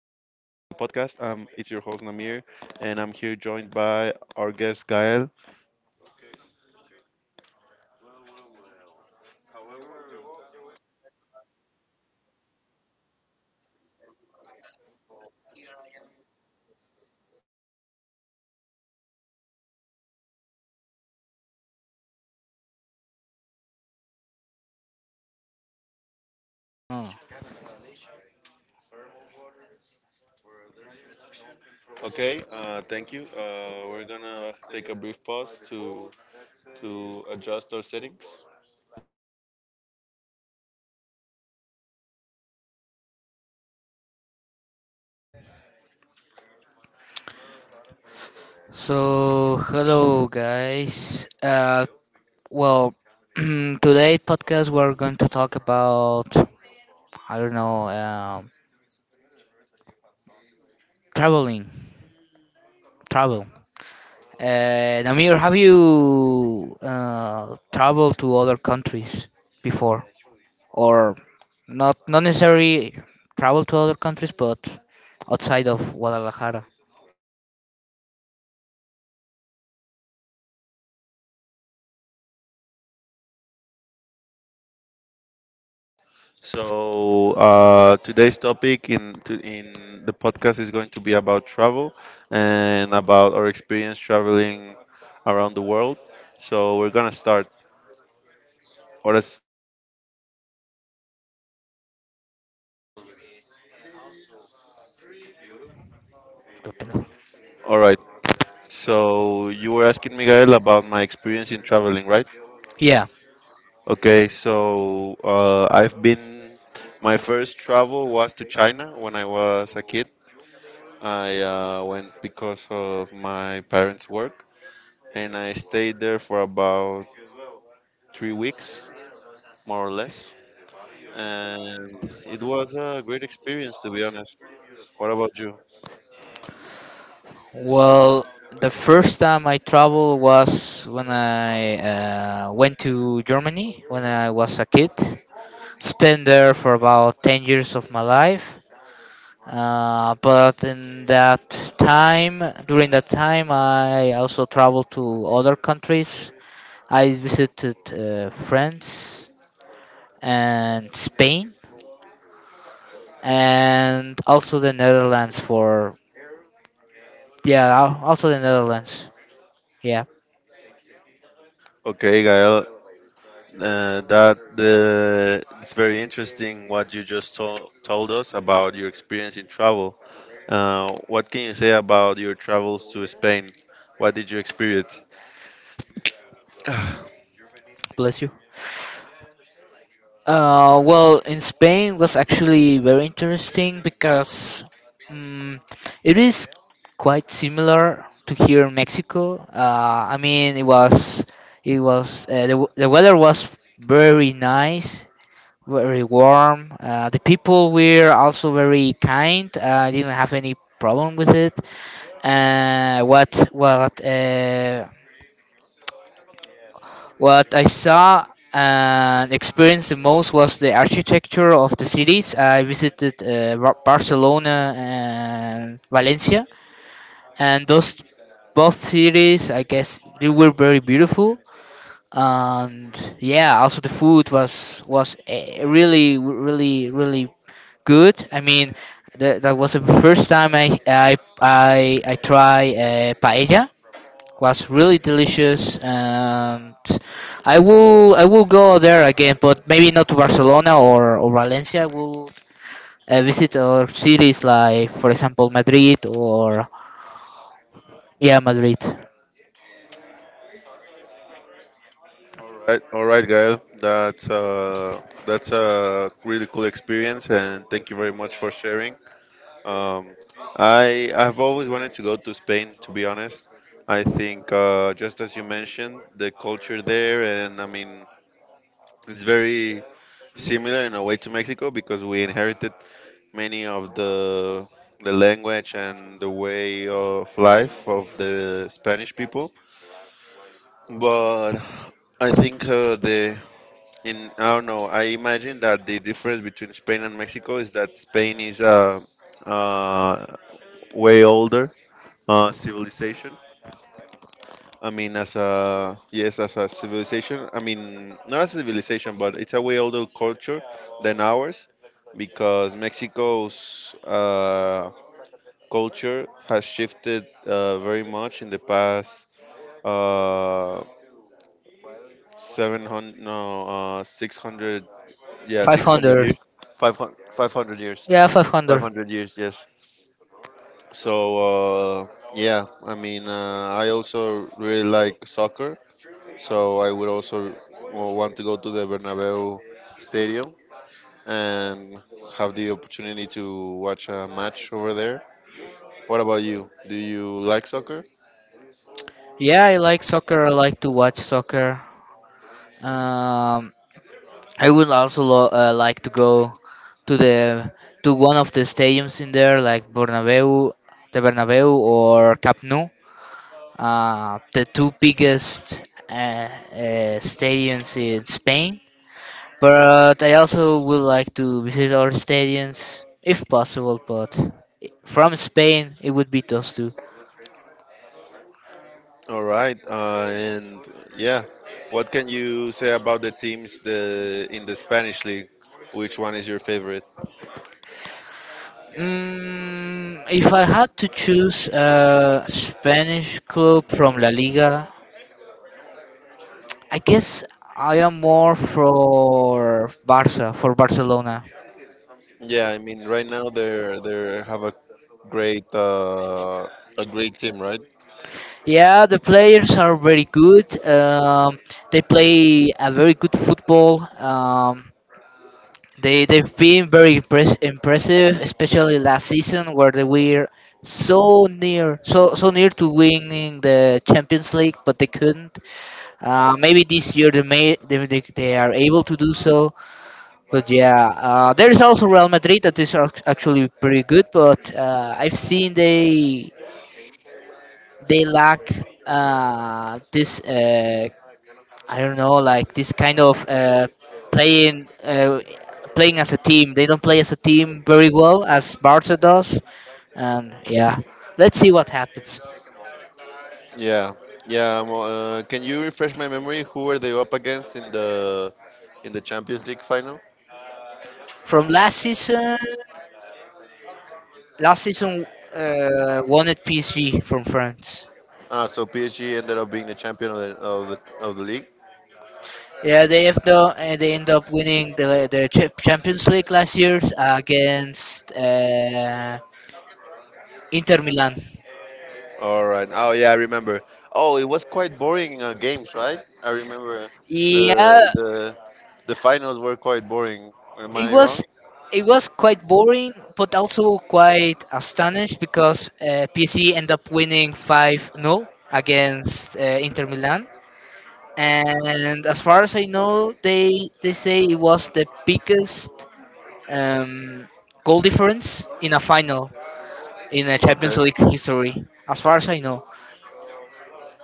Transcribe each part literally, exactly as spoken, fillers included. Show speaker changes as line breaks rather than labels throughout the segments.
podcast. Um, it's your host Namir, and I'm here joined by our guest Gael.
Huh.
Okay, uh, thank you. Uh, we're gonna take a brief pause to to adjust our settings.
So, hello guys. Uh, well, today podcast we're going to talk about I don't know, um, traveling, travel. Uh, Namir, have you uh, traveled to other countries before, or not? Not necessarily travel to other countries, but outside of Guadalajara.
So uh, today's topic in to, in the podcast is going to be about travel and about our experience traveling around the world. So we're gonna start.
Depending.
All right. So you were asking Miguel about my experience in traveling, right?
Yeah.
Okay, so uh, I've been. My first travel was to China when I was a kid. I uh, went because of my parents' work, and I stayed there for about three weeks, more or less. And it was a great experience, to be honest. What about you?
Well, the first time I traveled was when I uh, went to Germany when I was a kid. Spent there for about 10 years of my life. Uh, but in that time, during that time, I also traveled to other countries. I visited uh, France and Spain, and also the Netherlands for, yeah, al- also the Netherlands. Yeah,
Okay, Gael. Uh, that the it's very interesting what you just told told us about your experience in travel. Uh, what can you say about your travels to Spain? What did you experience?
bless you. Uh, well, in Spain was actually very interesting because um, it is quite similar to here in Mexico. Uh, I mean, it was it was uh, the, w- the weather was very nice, very warm. Uh, the people were also very kind. I didn't have any problem with it. Uh, what what uh, what I saw and experienced the most was the architecture of the cities. I visited uh, Bar- Barcelona and Valencia, and those both cities, I guess, they were very beautiful. And yeah, also the food was was eh, really, really, really good. I mean, that, that was the first time I I I, I try uh, paella was really delicious, and I will I will go there again, but maybe not to Barcelona or, or Valencia. I will uh, visit other cities like, for example, Madrid or yeah, Madrid.
Right, all right, Gael. That's uh, that's a really cool experience, and thank you very much for sharing. Um, I I've always wanted to go to Spain, to be honest. I think, uh, just as you mentioned, the culture there, and I mean, it's very similar in a way to Mexico because we inherited many of the the language and the way of life of the Spanish people. But I think, uh, the in I don't know. I imagine that the difference between Spain and Mexico is that Spain is a uh, way older uh, civilization, I mean, as a, yes, as a civilization. I mean, not as a civilization, but it's a way older culture than ours, because Mexico's uh, culture has shifted uh, very much in the past, uh, seven hundred, no, uh, six hundred, yeah,
Five
six hundred
hundred.
years, five hundred, five hundred years,
Yeah, five
five
hundred.
hundred years, yes. So uh, yeah, I mean, uh, I also really like soccer. So I would also, well, want to go to the Bernabeu Stadium and have the opportunity to watch a match over there. What about you? Do you like soccer?
Yeah, I like soccer. I like to watch soccer. Um, I would also lo- uh, like to go to the to one of the stadiums in there, like Bernabeu, the Bernabeu or Camp Nou, uh, the two biggest uh, uh, stadiums in Spain. But I also would like to visit other stadiums if possible. But from Spain, it would be those two.
All right, uh, and yeah, what can you say about the teams the in the Spanish league? Which one is your favorite?
Mm, if I had to choose a Spanish club from La Liga, I guess I am more for Barca, for Barcelona.
Yeah, I mean right now they're they have a great uh, a great team, right?
Yeah, the players are very good. Um, they play a very good football. Um, they they've been very impress- impressive, especially last season where they were so near, so so near to winning the Champions League, but they couldn't. Uh, maybe this year they may they, they, they are able to do so. But yeah, uh, there is also Real Madrid that is ac- actually pretty good, but uh, I've seen they they lack uh, this, uh, I don't know, like this kind of uh, playing uh, playing as a team. They don't play as a team very well as Barca does, and yeah, let's see what happens.
Yeah, yeah. mo- Uh, can you refresh my memory? Who were they up against in the in the Champions League final?
From last season, last season uh, won at P S G from France.
Ah, so P S G ended up being the champion of the of the, of the league.
Yeah, they have the, uh, they end up winning the the cha- Champions League last year against uh, Inter Milan.
All right. Oh yeah, I remember. Oh, it was quite boring uh, games, right? I remember the
Yeah,
the the finals were quite boring. Am
it
I wrong?
was it was quite boring, but also quite astonished because uh, P S G ended up winning five zero against uh, Inter Milan. And as far as I know, they they say it was the biggest um, goal difference in a final, in a
Okay.
Champions League history. As far as I know.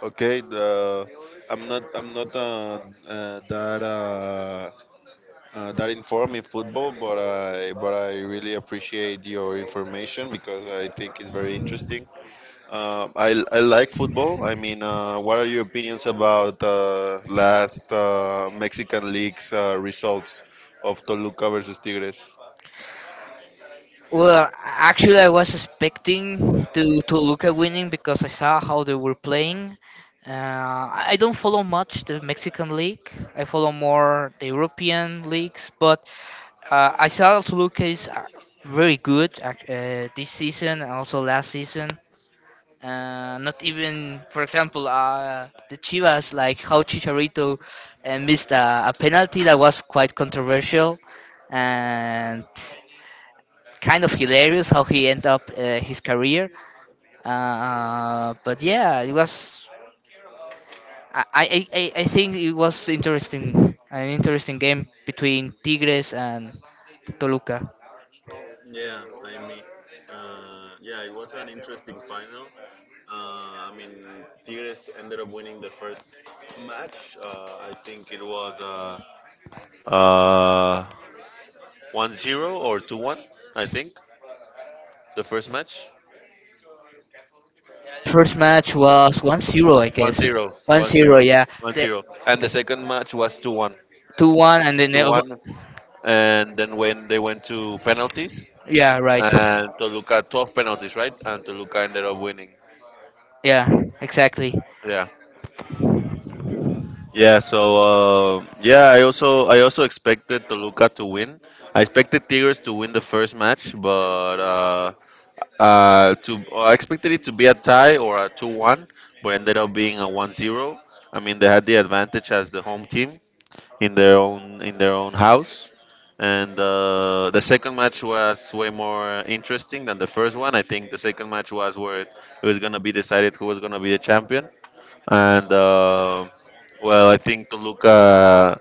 Okay. The, I'm not I'm not uh, uh, that uh, uh, that informed in football, but I but I really appreciate your information because I think it's very interesting. Uh, I I like football. I mean, uh, what are your opinions about uh, last uh, Mexican league's uh, results of Toluca versus Tigres?
Well, actually, I was expecting to to look at winning because I saw how they were playing. Uh, I I don't follow much the Mexican league. I follow more the European leagues, but uh, I saw Toluca is uh, very good ac- uh, this season and also last season. Uh, not even, for example, uh, the Chivas, like how Chicharito uh, missed a, a penalty that was quite controversial, and kind of hilarious how he ended up uh, his career. Uh, uh, but yeah, it was. I, I, I I think it was interesting, an interesting game between Tigres and Toluca.
Yeah, I mean, uh, yeah, it was an interesting final. Uh, I mean, Tigres ended up winning the first match. Uh, I think it was uh, uh, One zero or two one, I think, the first match.
The first match was one zero, I
One
guess.
zero,
One
one
zero,
zero,
yeah.
one
The,
zero, And
the
the second match was two one.
two one, and then
2
the,
1. And then when they went to penalties,
yeah, right.
and Toluca, twelve penalties, right? And Toluca ended up winning.
Yeah, exactly.
Yeah. Yeah, so uh, yeah, I also I also expected Toluca to win. I expected Tigres to win the first match, but uh, Uh, to I expected it to be a tie or a two-one, but ended up being a one-zero. I mean, they had the advantage as the home team in their own in their own house, and uh, the second match was way more interesting than the first one. I think the second match was where it, it was gonna be decided who was gonna be the champion, and uh, well, I think Toluca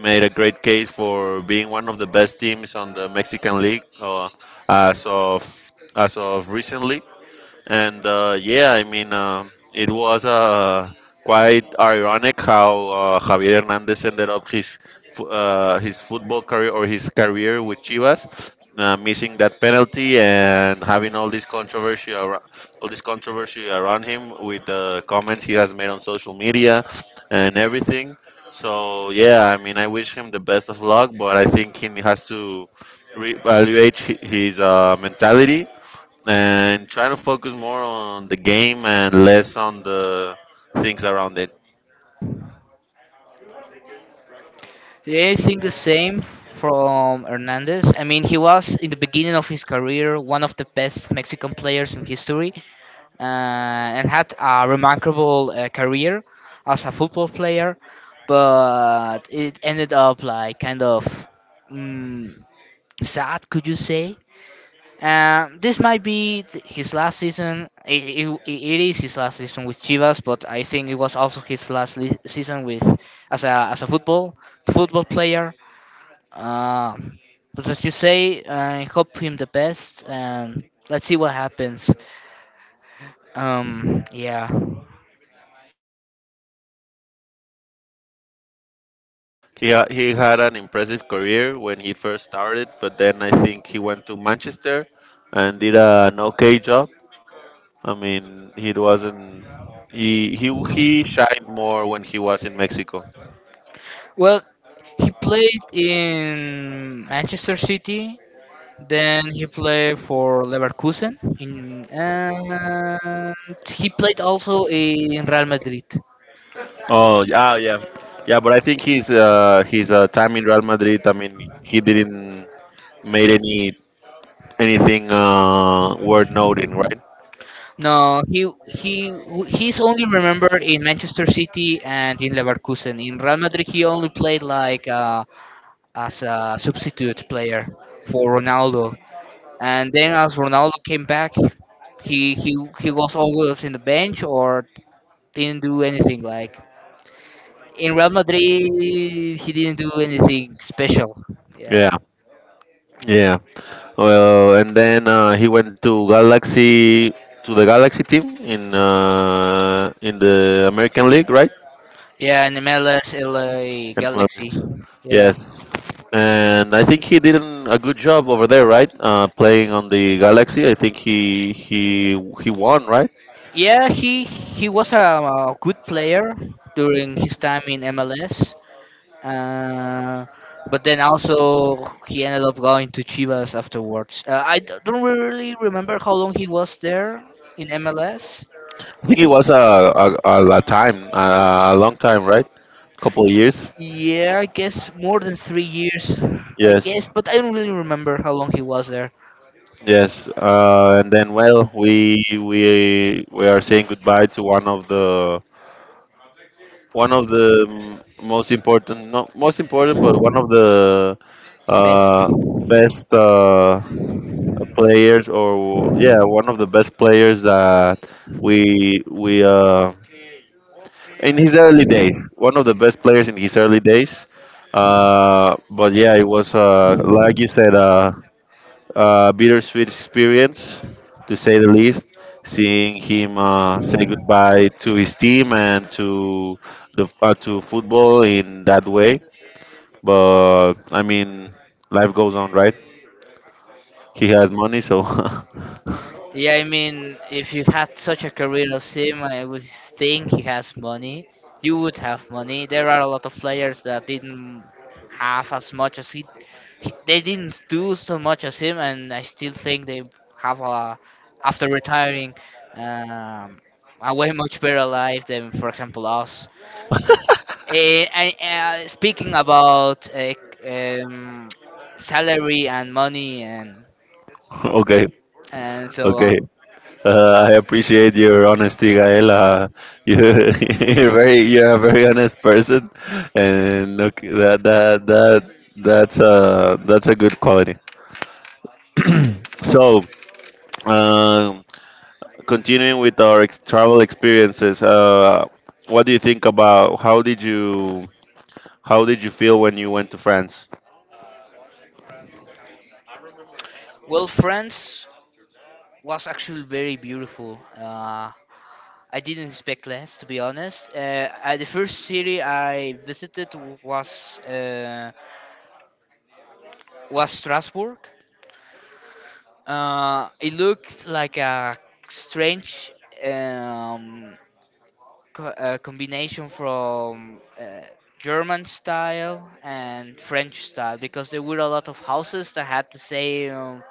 made a great case for being one of the best teams on the Mexican league uh, as of as of recently, and uh, yeah, I mean, um it was uh, quite ironic how uh, Javier Hernandez ended up his fu- uh, his football career or his career with Chivas, uh, missing that penalty and having all this controversy ar- all this controversy around him with the comments he has made on social media and everything. So yeah, I mean, I wish him the best of luck, but I think he has to reevaluate hi- his uh, mentality and trying to focus more on the game and less on the things around it.
Yeah, I think the same from Hernandez. I mean, he was in the beginning of his career one of the best Mexican players in history, uh, and had a remarkable uh, career as a football player. But it ended up like kind of mm, sad, could you say? Um, this might be th- his last season. It, it, it is his last season with Chivas, but I think it was also his last le- season with as a as a football football player. Uh, but as you say, I hope him the best, and let's see what happens. Um, yeah.
He, ha- he had an impressive career when he first started, but then I think he went to Manchester and did an okay job. I mean, he wasn't. He, he he shined more when he was in Mexico.
Well, he played in Manchester City. Then he played for Leverkusen, in, and he played also in Real Madrid.
Oh yeah, yeah, yeah. But I think his uh, his uh, time in Real Madrid. I mean, he didn't made any anything uh, worth noting, right?
No, he he he's only remembered in Manchester City and in Leverkusen. In Real Madrid, he only played like. Uh, as a substitute player for Ronaldo. And then as Ronaldo came back, he he he was always in the bench or didn't do anything. Like in Real Madrid, he didn't do anything special. Yeah,
Yeah, yeah. Well, and then uh, he went to Galaxy to the Galaxy team in uh, in the American League, right?
yeah, in M L S, L A
In
Galaxy.
M L S.
Yeah,
Yes. And I think he did an, a good job over there, right? Uh, playing on the Galaxy, I think he he he won, right?
yeah, he he was a, a good player during his time in M L S. Uh, but then also he ended up going to Chivas afterwards. Uh, I d- don't really remember how long he was there in M L S.
I think it was a a, a a time, a, a long time, right? Couple of years.
Yeah, I guess more than three years. I
Yes,
guess, but I don't really remember how long he was there.
yes. Uh, and then, well, we we we are saying goodbye to one of the one of the mm, most important, not most important, but one of the
Best.
uh, best uh, players, or yeah, one of the best players that we we uh, in his early days, one of the best players in his early days. Uh, but yeah, it was uh, like you said. Uh, uh, bittersweet experience, to say the least. Seeing him uh, say goodbye to his team and to the uh, to football in that way, but I mean, life goes on, right? He has money, so
Yeah, I mean, if you had such a career as him, I would think he has money. You would have money. There are a lot of players that didn't have as much as he, he they didn't do so much as him, and I still think they have a, after retiring, um, a way much better life than, for example, us. Eh, I- uh, speaking about uh, um, salary and money and
okay,
and so
okay.
on.
Uh, I appreciate your honesty, Gael. Uh, you're, you're very you're a very honest person, and okay, that that that that's uh that's a good quality. So, Um, continuing with our ex- travel experiences, uh, what do you think about how did you how did you feel when you went to France?
Well, friends, was actually very beautiful. Uh, I didn't expect less, to be honest. Uh, I, the first city I visited was uh, was Strasbourg. Uh, it looked like a strange. Um, co- a combination from uh, German style and French style because there were a lot of houses that had the same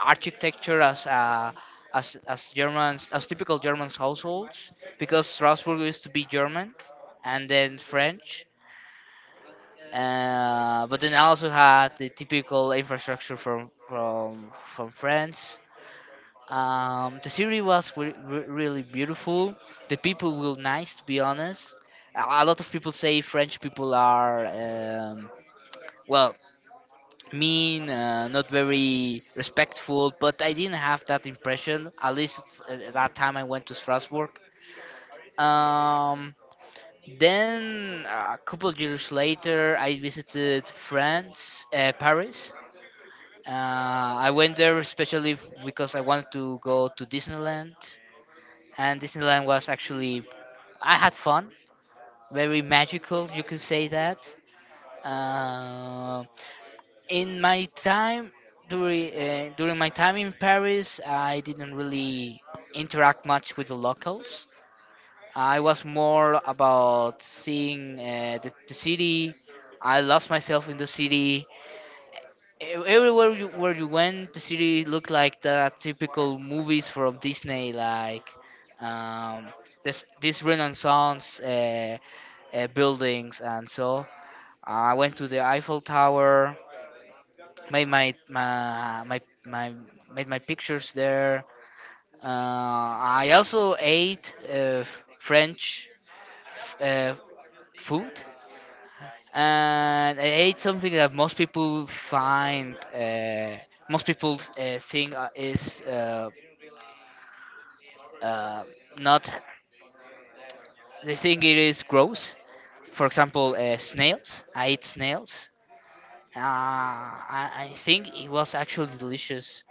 architecture as uh, as as Germans as typical German households because Strasbourg used to be German and then French. Uh, but then also had the typical infrastructure from from from France um, the city was re- re- really beautiful. The people were nice, to be honest. A a lot of people say French people are, um, well, mean, uh, not very respectful, but I didn't have that impression, at least f- at that time I went to Strasbourg. Um, then, a couple of years later, I visited France, uh, Paris. Uh, I went there especially f- because I wanted to go to Disneyland. and Disneyland was actually, I had fun, very magical, you could say that. Uh, in my time during uh, during my time in Paris, I didn't really interact much with the locals. I was more about seeing uh, the, the city. I lost myself in the city. Ev- Everywhere you, where you went, the city looked like the typical movies from Disney, like um, this this Renaissance uh, uh, buildings and so. I went to the Eiffel Tower, made my my my, my made my pictures there. Uh, I also ate uh, French uh, food, and I ate something that most people find, uh, most people uh, think uh, is, uh, uh, not, they think it is gross. For example, uh, snails. I ate snails. Uh, I, I think it was actually delicious.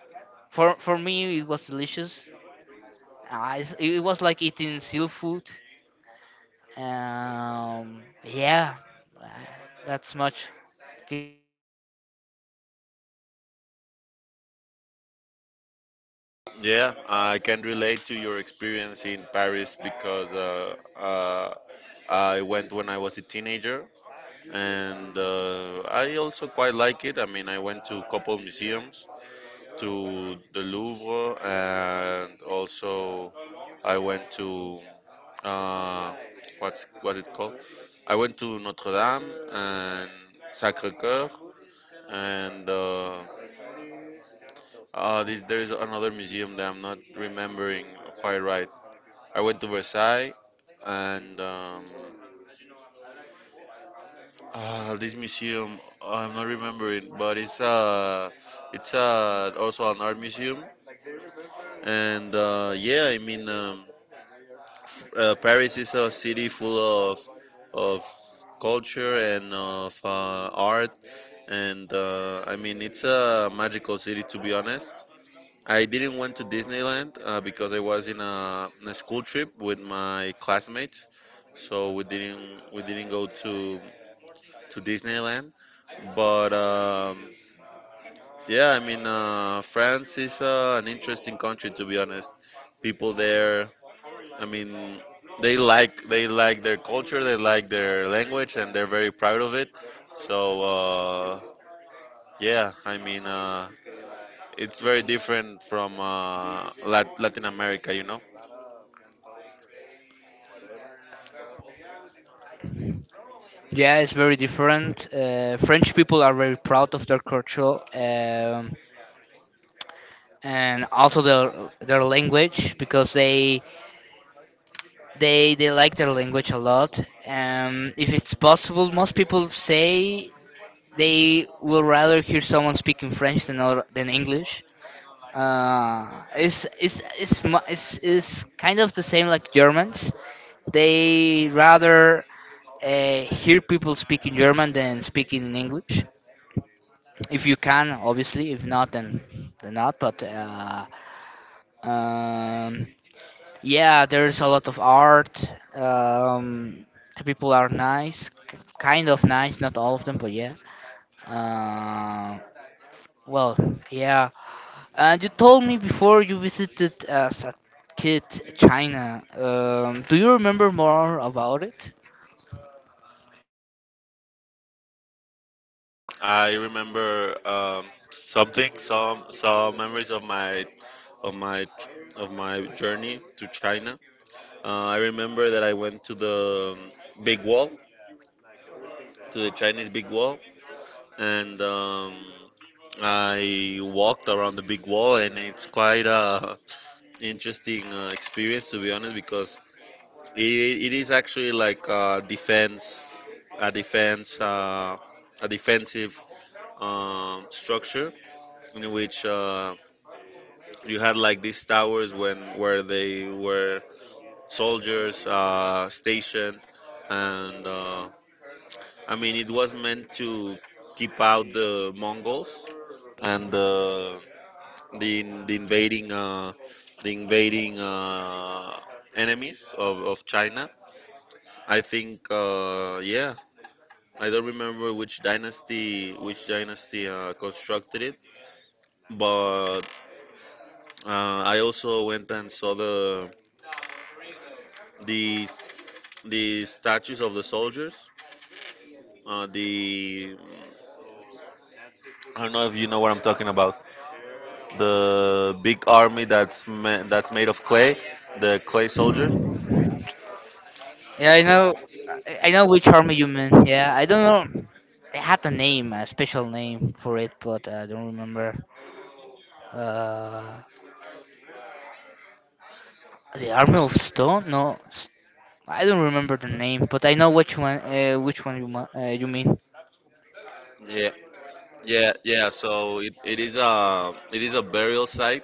For for me, it was delicious. Uh, it's- it was like eating seal food. Um, yeah, uh, that's much.
Yeah, I can relate to your experience in Paris because uh, uh, I went when I was a teenager, and uh, I also quite like it. I mean, I went to a couple museums, to the Louvre, and also I went to, uh, what's was it called? I went to Notre Dame and Sacre Coeur, and uh, uh, the- there is another museum that I'm not remembering quite right. I went to Versailles and, um, uh, this museum I'm not remembering, but it's uh, it's uh, also an art museum, and uh, yeah, I mean. Um, uh, Paris is a city full of of culture and of uh, art, and uh, I mean it's a magical city, to be honest. I didn't went to Disneyland uh, because I was in a, in a school trip with my classmates, so we didn't we didn't go to to Disneyland. But um, yeah, I mean uh, France is uh, an interesting country, to be honest. People there, I mean, they like they like their culture, they like their language, and they're very proud of it. So uh, yeah, I mean, uh, it's very different from uh, Lat- Latin America, you know.
Yeah, it's very different. Uh, French people are very proud of their culture, um, and also their their language because they they they like their language a lot. Um, if it's possible, most people say they will rather hear someone speaking French than or, than English. Uh, it's, it's, it's, mu- it's, it's kind of the same like Germans. They rather uh, hear people speaking German than speaking in English. If you can, obviously. If not, then then not. But uh, um, yeah, there's a lot of art. Um, the people are nice, k- kind of nice. Not all of them, but yeah. Uh, well, yeah. And you told me before you visited as a kid, China. Um, do you remember more about it?
I remember um, something, some some memories of my of my of my journey to China. Uh, I remember that I went to the um, Big Wall, to the Chinese Big Wall, and um, I walked around the big wall, and it's quite a interesting uh, experience, to be honest, because it, it is actually like a defense, a defense, uh, a defensive um, structure in which uh, you had like these towers when where they were soldiers uh, stationed, and uh, I mean it was meant to keep out the Mongols and. Uh, the in- the invading uh, the invading uh, enemies of, of China. I think uh, yeah, I don't remember which dynasty which dynasty uh, constructed it, but uh, I also went and saw the the the statues of the soldiers. Uh, the I don't know if you know what I'm talking about. The big army that's ma- that's made of clay, the clay soldiers.
Yeah, I know. I I know which army you mean. Yeah, I don't know. They had a name, a special name for it, but I don't remember. Uh, the Army of Stone? No, s- I don't remember the name, but I know which one. Uh, which one you ma- uh, you mean?
Yeah, yeah, yeah. So it, it is a it is a burial site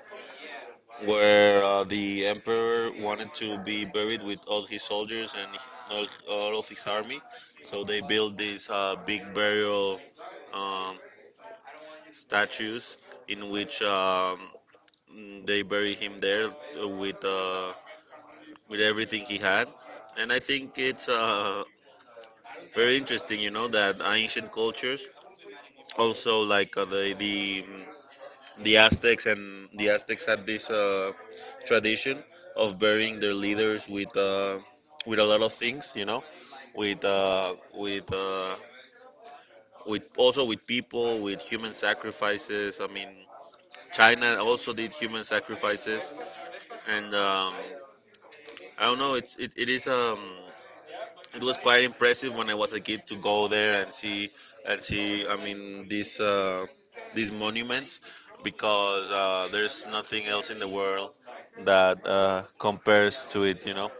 where uh, the emperor wanted to be buried with all his soldiers and all, all of his army. So they built these uh, big burial um, statues in which um, mm, they bury him there uh, with uh, with everything he had. And I think it's uh, very interesting, you know, that ancient cultures also like uh, the the the Aztecs. And the Aztecs had this uh, tradition of burying their leaders with uh, with a lot of things, you know, with uh, with uh, with also with people, with human sacrifices. I mean, China also did human sacrifices, and um, I don't know. It's it, it is um it was quite impressive when I was a kid to go there and see and see. I mean these uh, these monuments because uh, there's nothing else in the world that uh, compares to it, you know.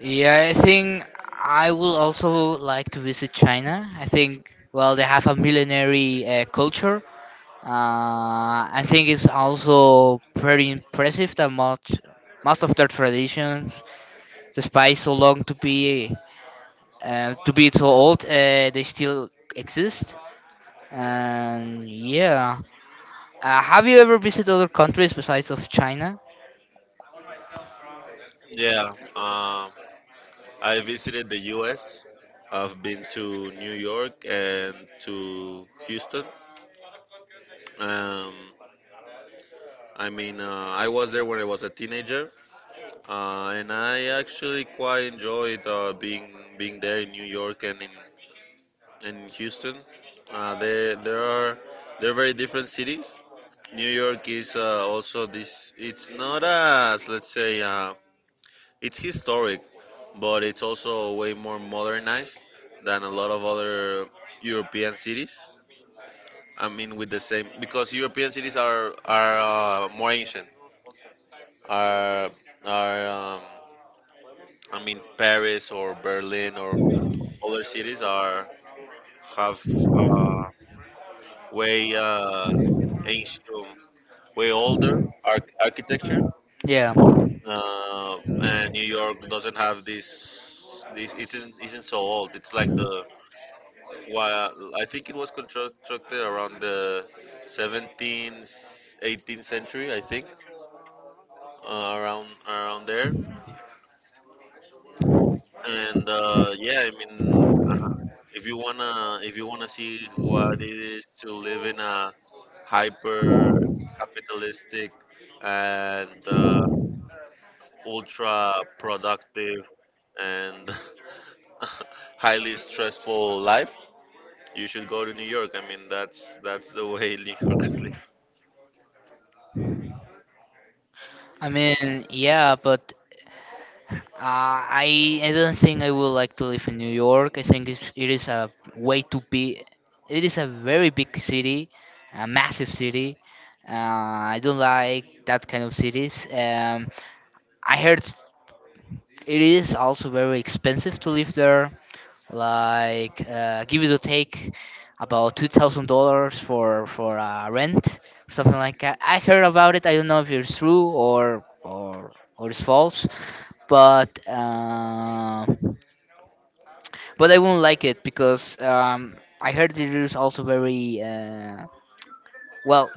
Yeah, I think I will also like to visit China. I think, well, they have a millenary uh, culture. Uh, I think it's also pretty impressive that much most of their traditions, despite so long to be, uh, to be so old, uh, they still exist. And yeah, uh, have you ever visited other countries besides of China?
Yeah. Um, I visited the U S. I've been to New York and to Houston. Um, I mean, uh, I was there when I was a teenager, uh, and I actually quite enjoyed uh, being being there in New York and in in Houston. Uh, they there are they're very different cities. New York is uh, also this. It's not as, let's say, uh, it's historic, but it's also way more modernized than a lot of other European cities. I mean, with the same because European cities are are uh, more ancient. Are are um, I mean Paris or Berlin or other cities are have uh, way uh, ancient, way older arch- architecture,
Yeah,
uh, and New York doesn't have this. This isn't isn't so old. It's like the why I think it was constructed around the seventeenth, eighteenth century. I think uh, around around there. And uh, yeah, I mean, uh, if you wanna if you wanna see what it is to live in a hyper capitalistic and uh, ultra productive and highly stressful life, you should go to New York. I mean, that's that's the way New Yorkers live.
I mean, yeah, but uh, I I don't think I would like to live in New York. I think it's, it is a way too big. It is a very big city, a massive city. Uh, I don't like that kind of cities. Um, I heard it is also very expensive to live there. like uh, give it or take about two thousand dollars for for uh, rent, something like that. I heard about it. I don't know if it's true or or or it's false, but uh, but I won't like it because um, I heard it is also very, uh, well.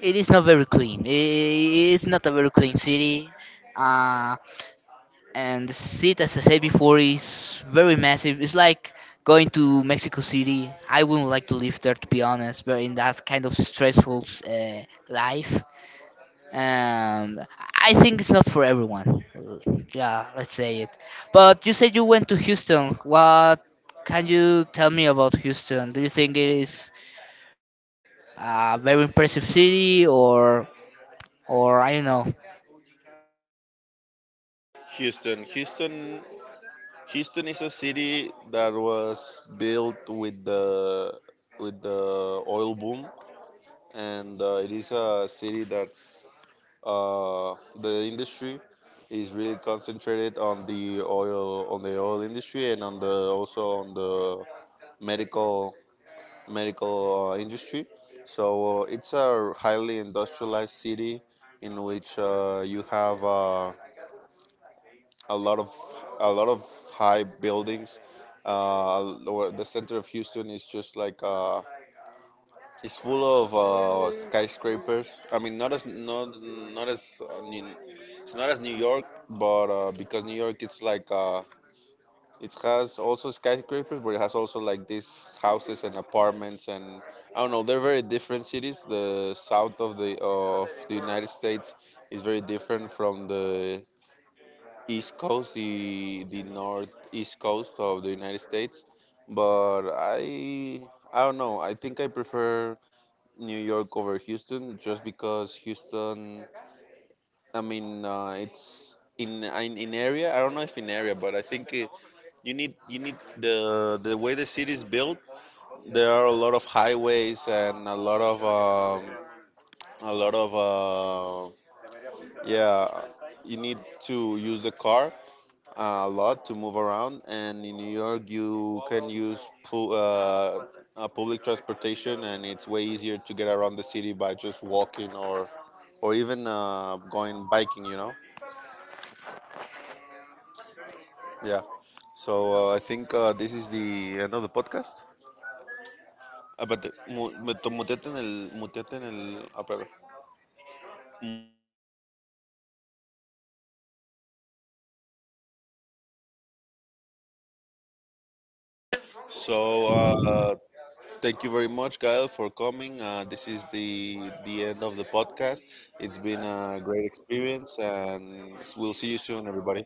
It is not very clean. I- It is not a very clean city. Uh, and the seat, as I said before, is very massive. It's like going to Mexico City. I wouldn't like to live there, to be honest. But in that kind of stressful uh, life, um, I think it's not for everyone. Uh, Yeah, let's say it. But you said you went to Houston. What can you tell me about Houston? Do you think it is a very impressive city, or or I don't know?
Houston, Houston, Houston is a city that was built with the with the oil boom, and uh, it is a city that's uh, the industry is really concentrated on the oil on the oil industry and on the also on the medical medical uh, industry. So uh, it's a highly industrialized city in which uh, you have uh, a lot of a lot of high buildings. Uh, or the center of Houston is just like uh, it's full of uh, skyscrapers. I mean, not as not not as uh, New- it's not as New York, but uh, because New York it's like uh, it has also skyscrapers, but it has also like these houses and apartments, and I don't know. They're very different cities. The south of the of the United States is very different from the east coast, the the northeast coast of the United States. But I I don't know. I think I prefer New York over Houston, just because Houston, I mean, uh, it's in, in in area. I don't know if in area, but I think it, you need you need the the way the city is built. There are a lot of highways and a lot of um, a lot of uh, yeah. You need to use the car uh, a lot to move around. And in New York, you can use pu- uh, uh, public transportation, and it's way easier to get around the city by just walking or or even uh, going biking, you know. Yeah. So uh, I think uh, this is the end of the podcast. Ah, but mu- mut- muteate en el, muteate en el, ah, espera, so uh, thank you very much, Kyle, for coming. Uh, this is the the end of the podcast. It's been a great experience, and we'll see you soon, everybody.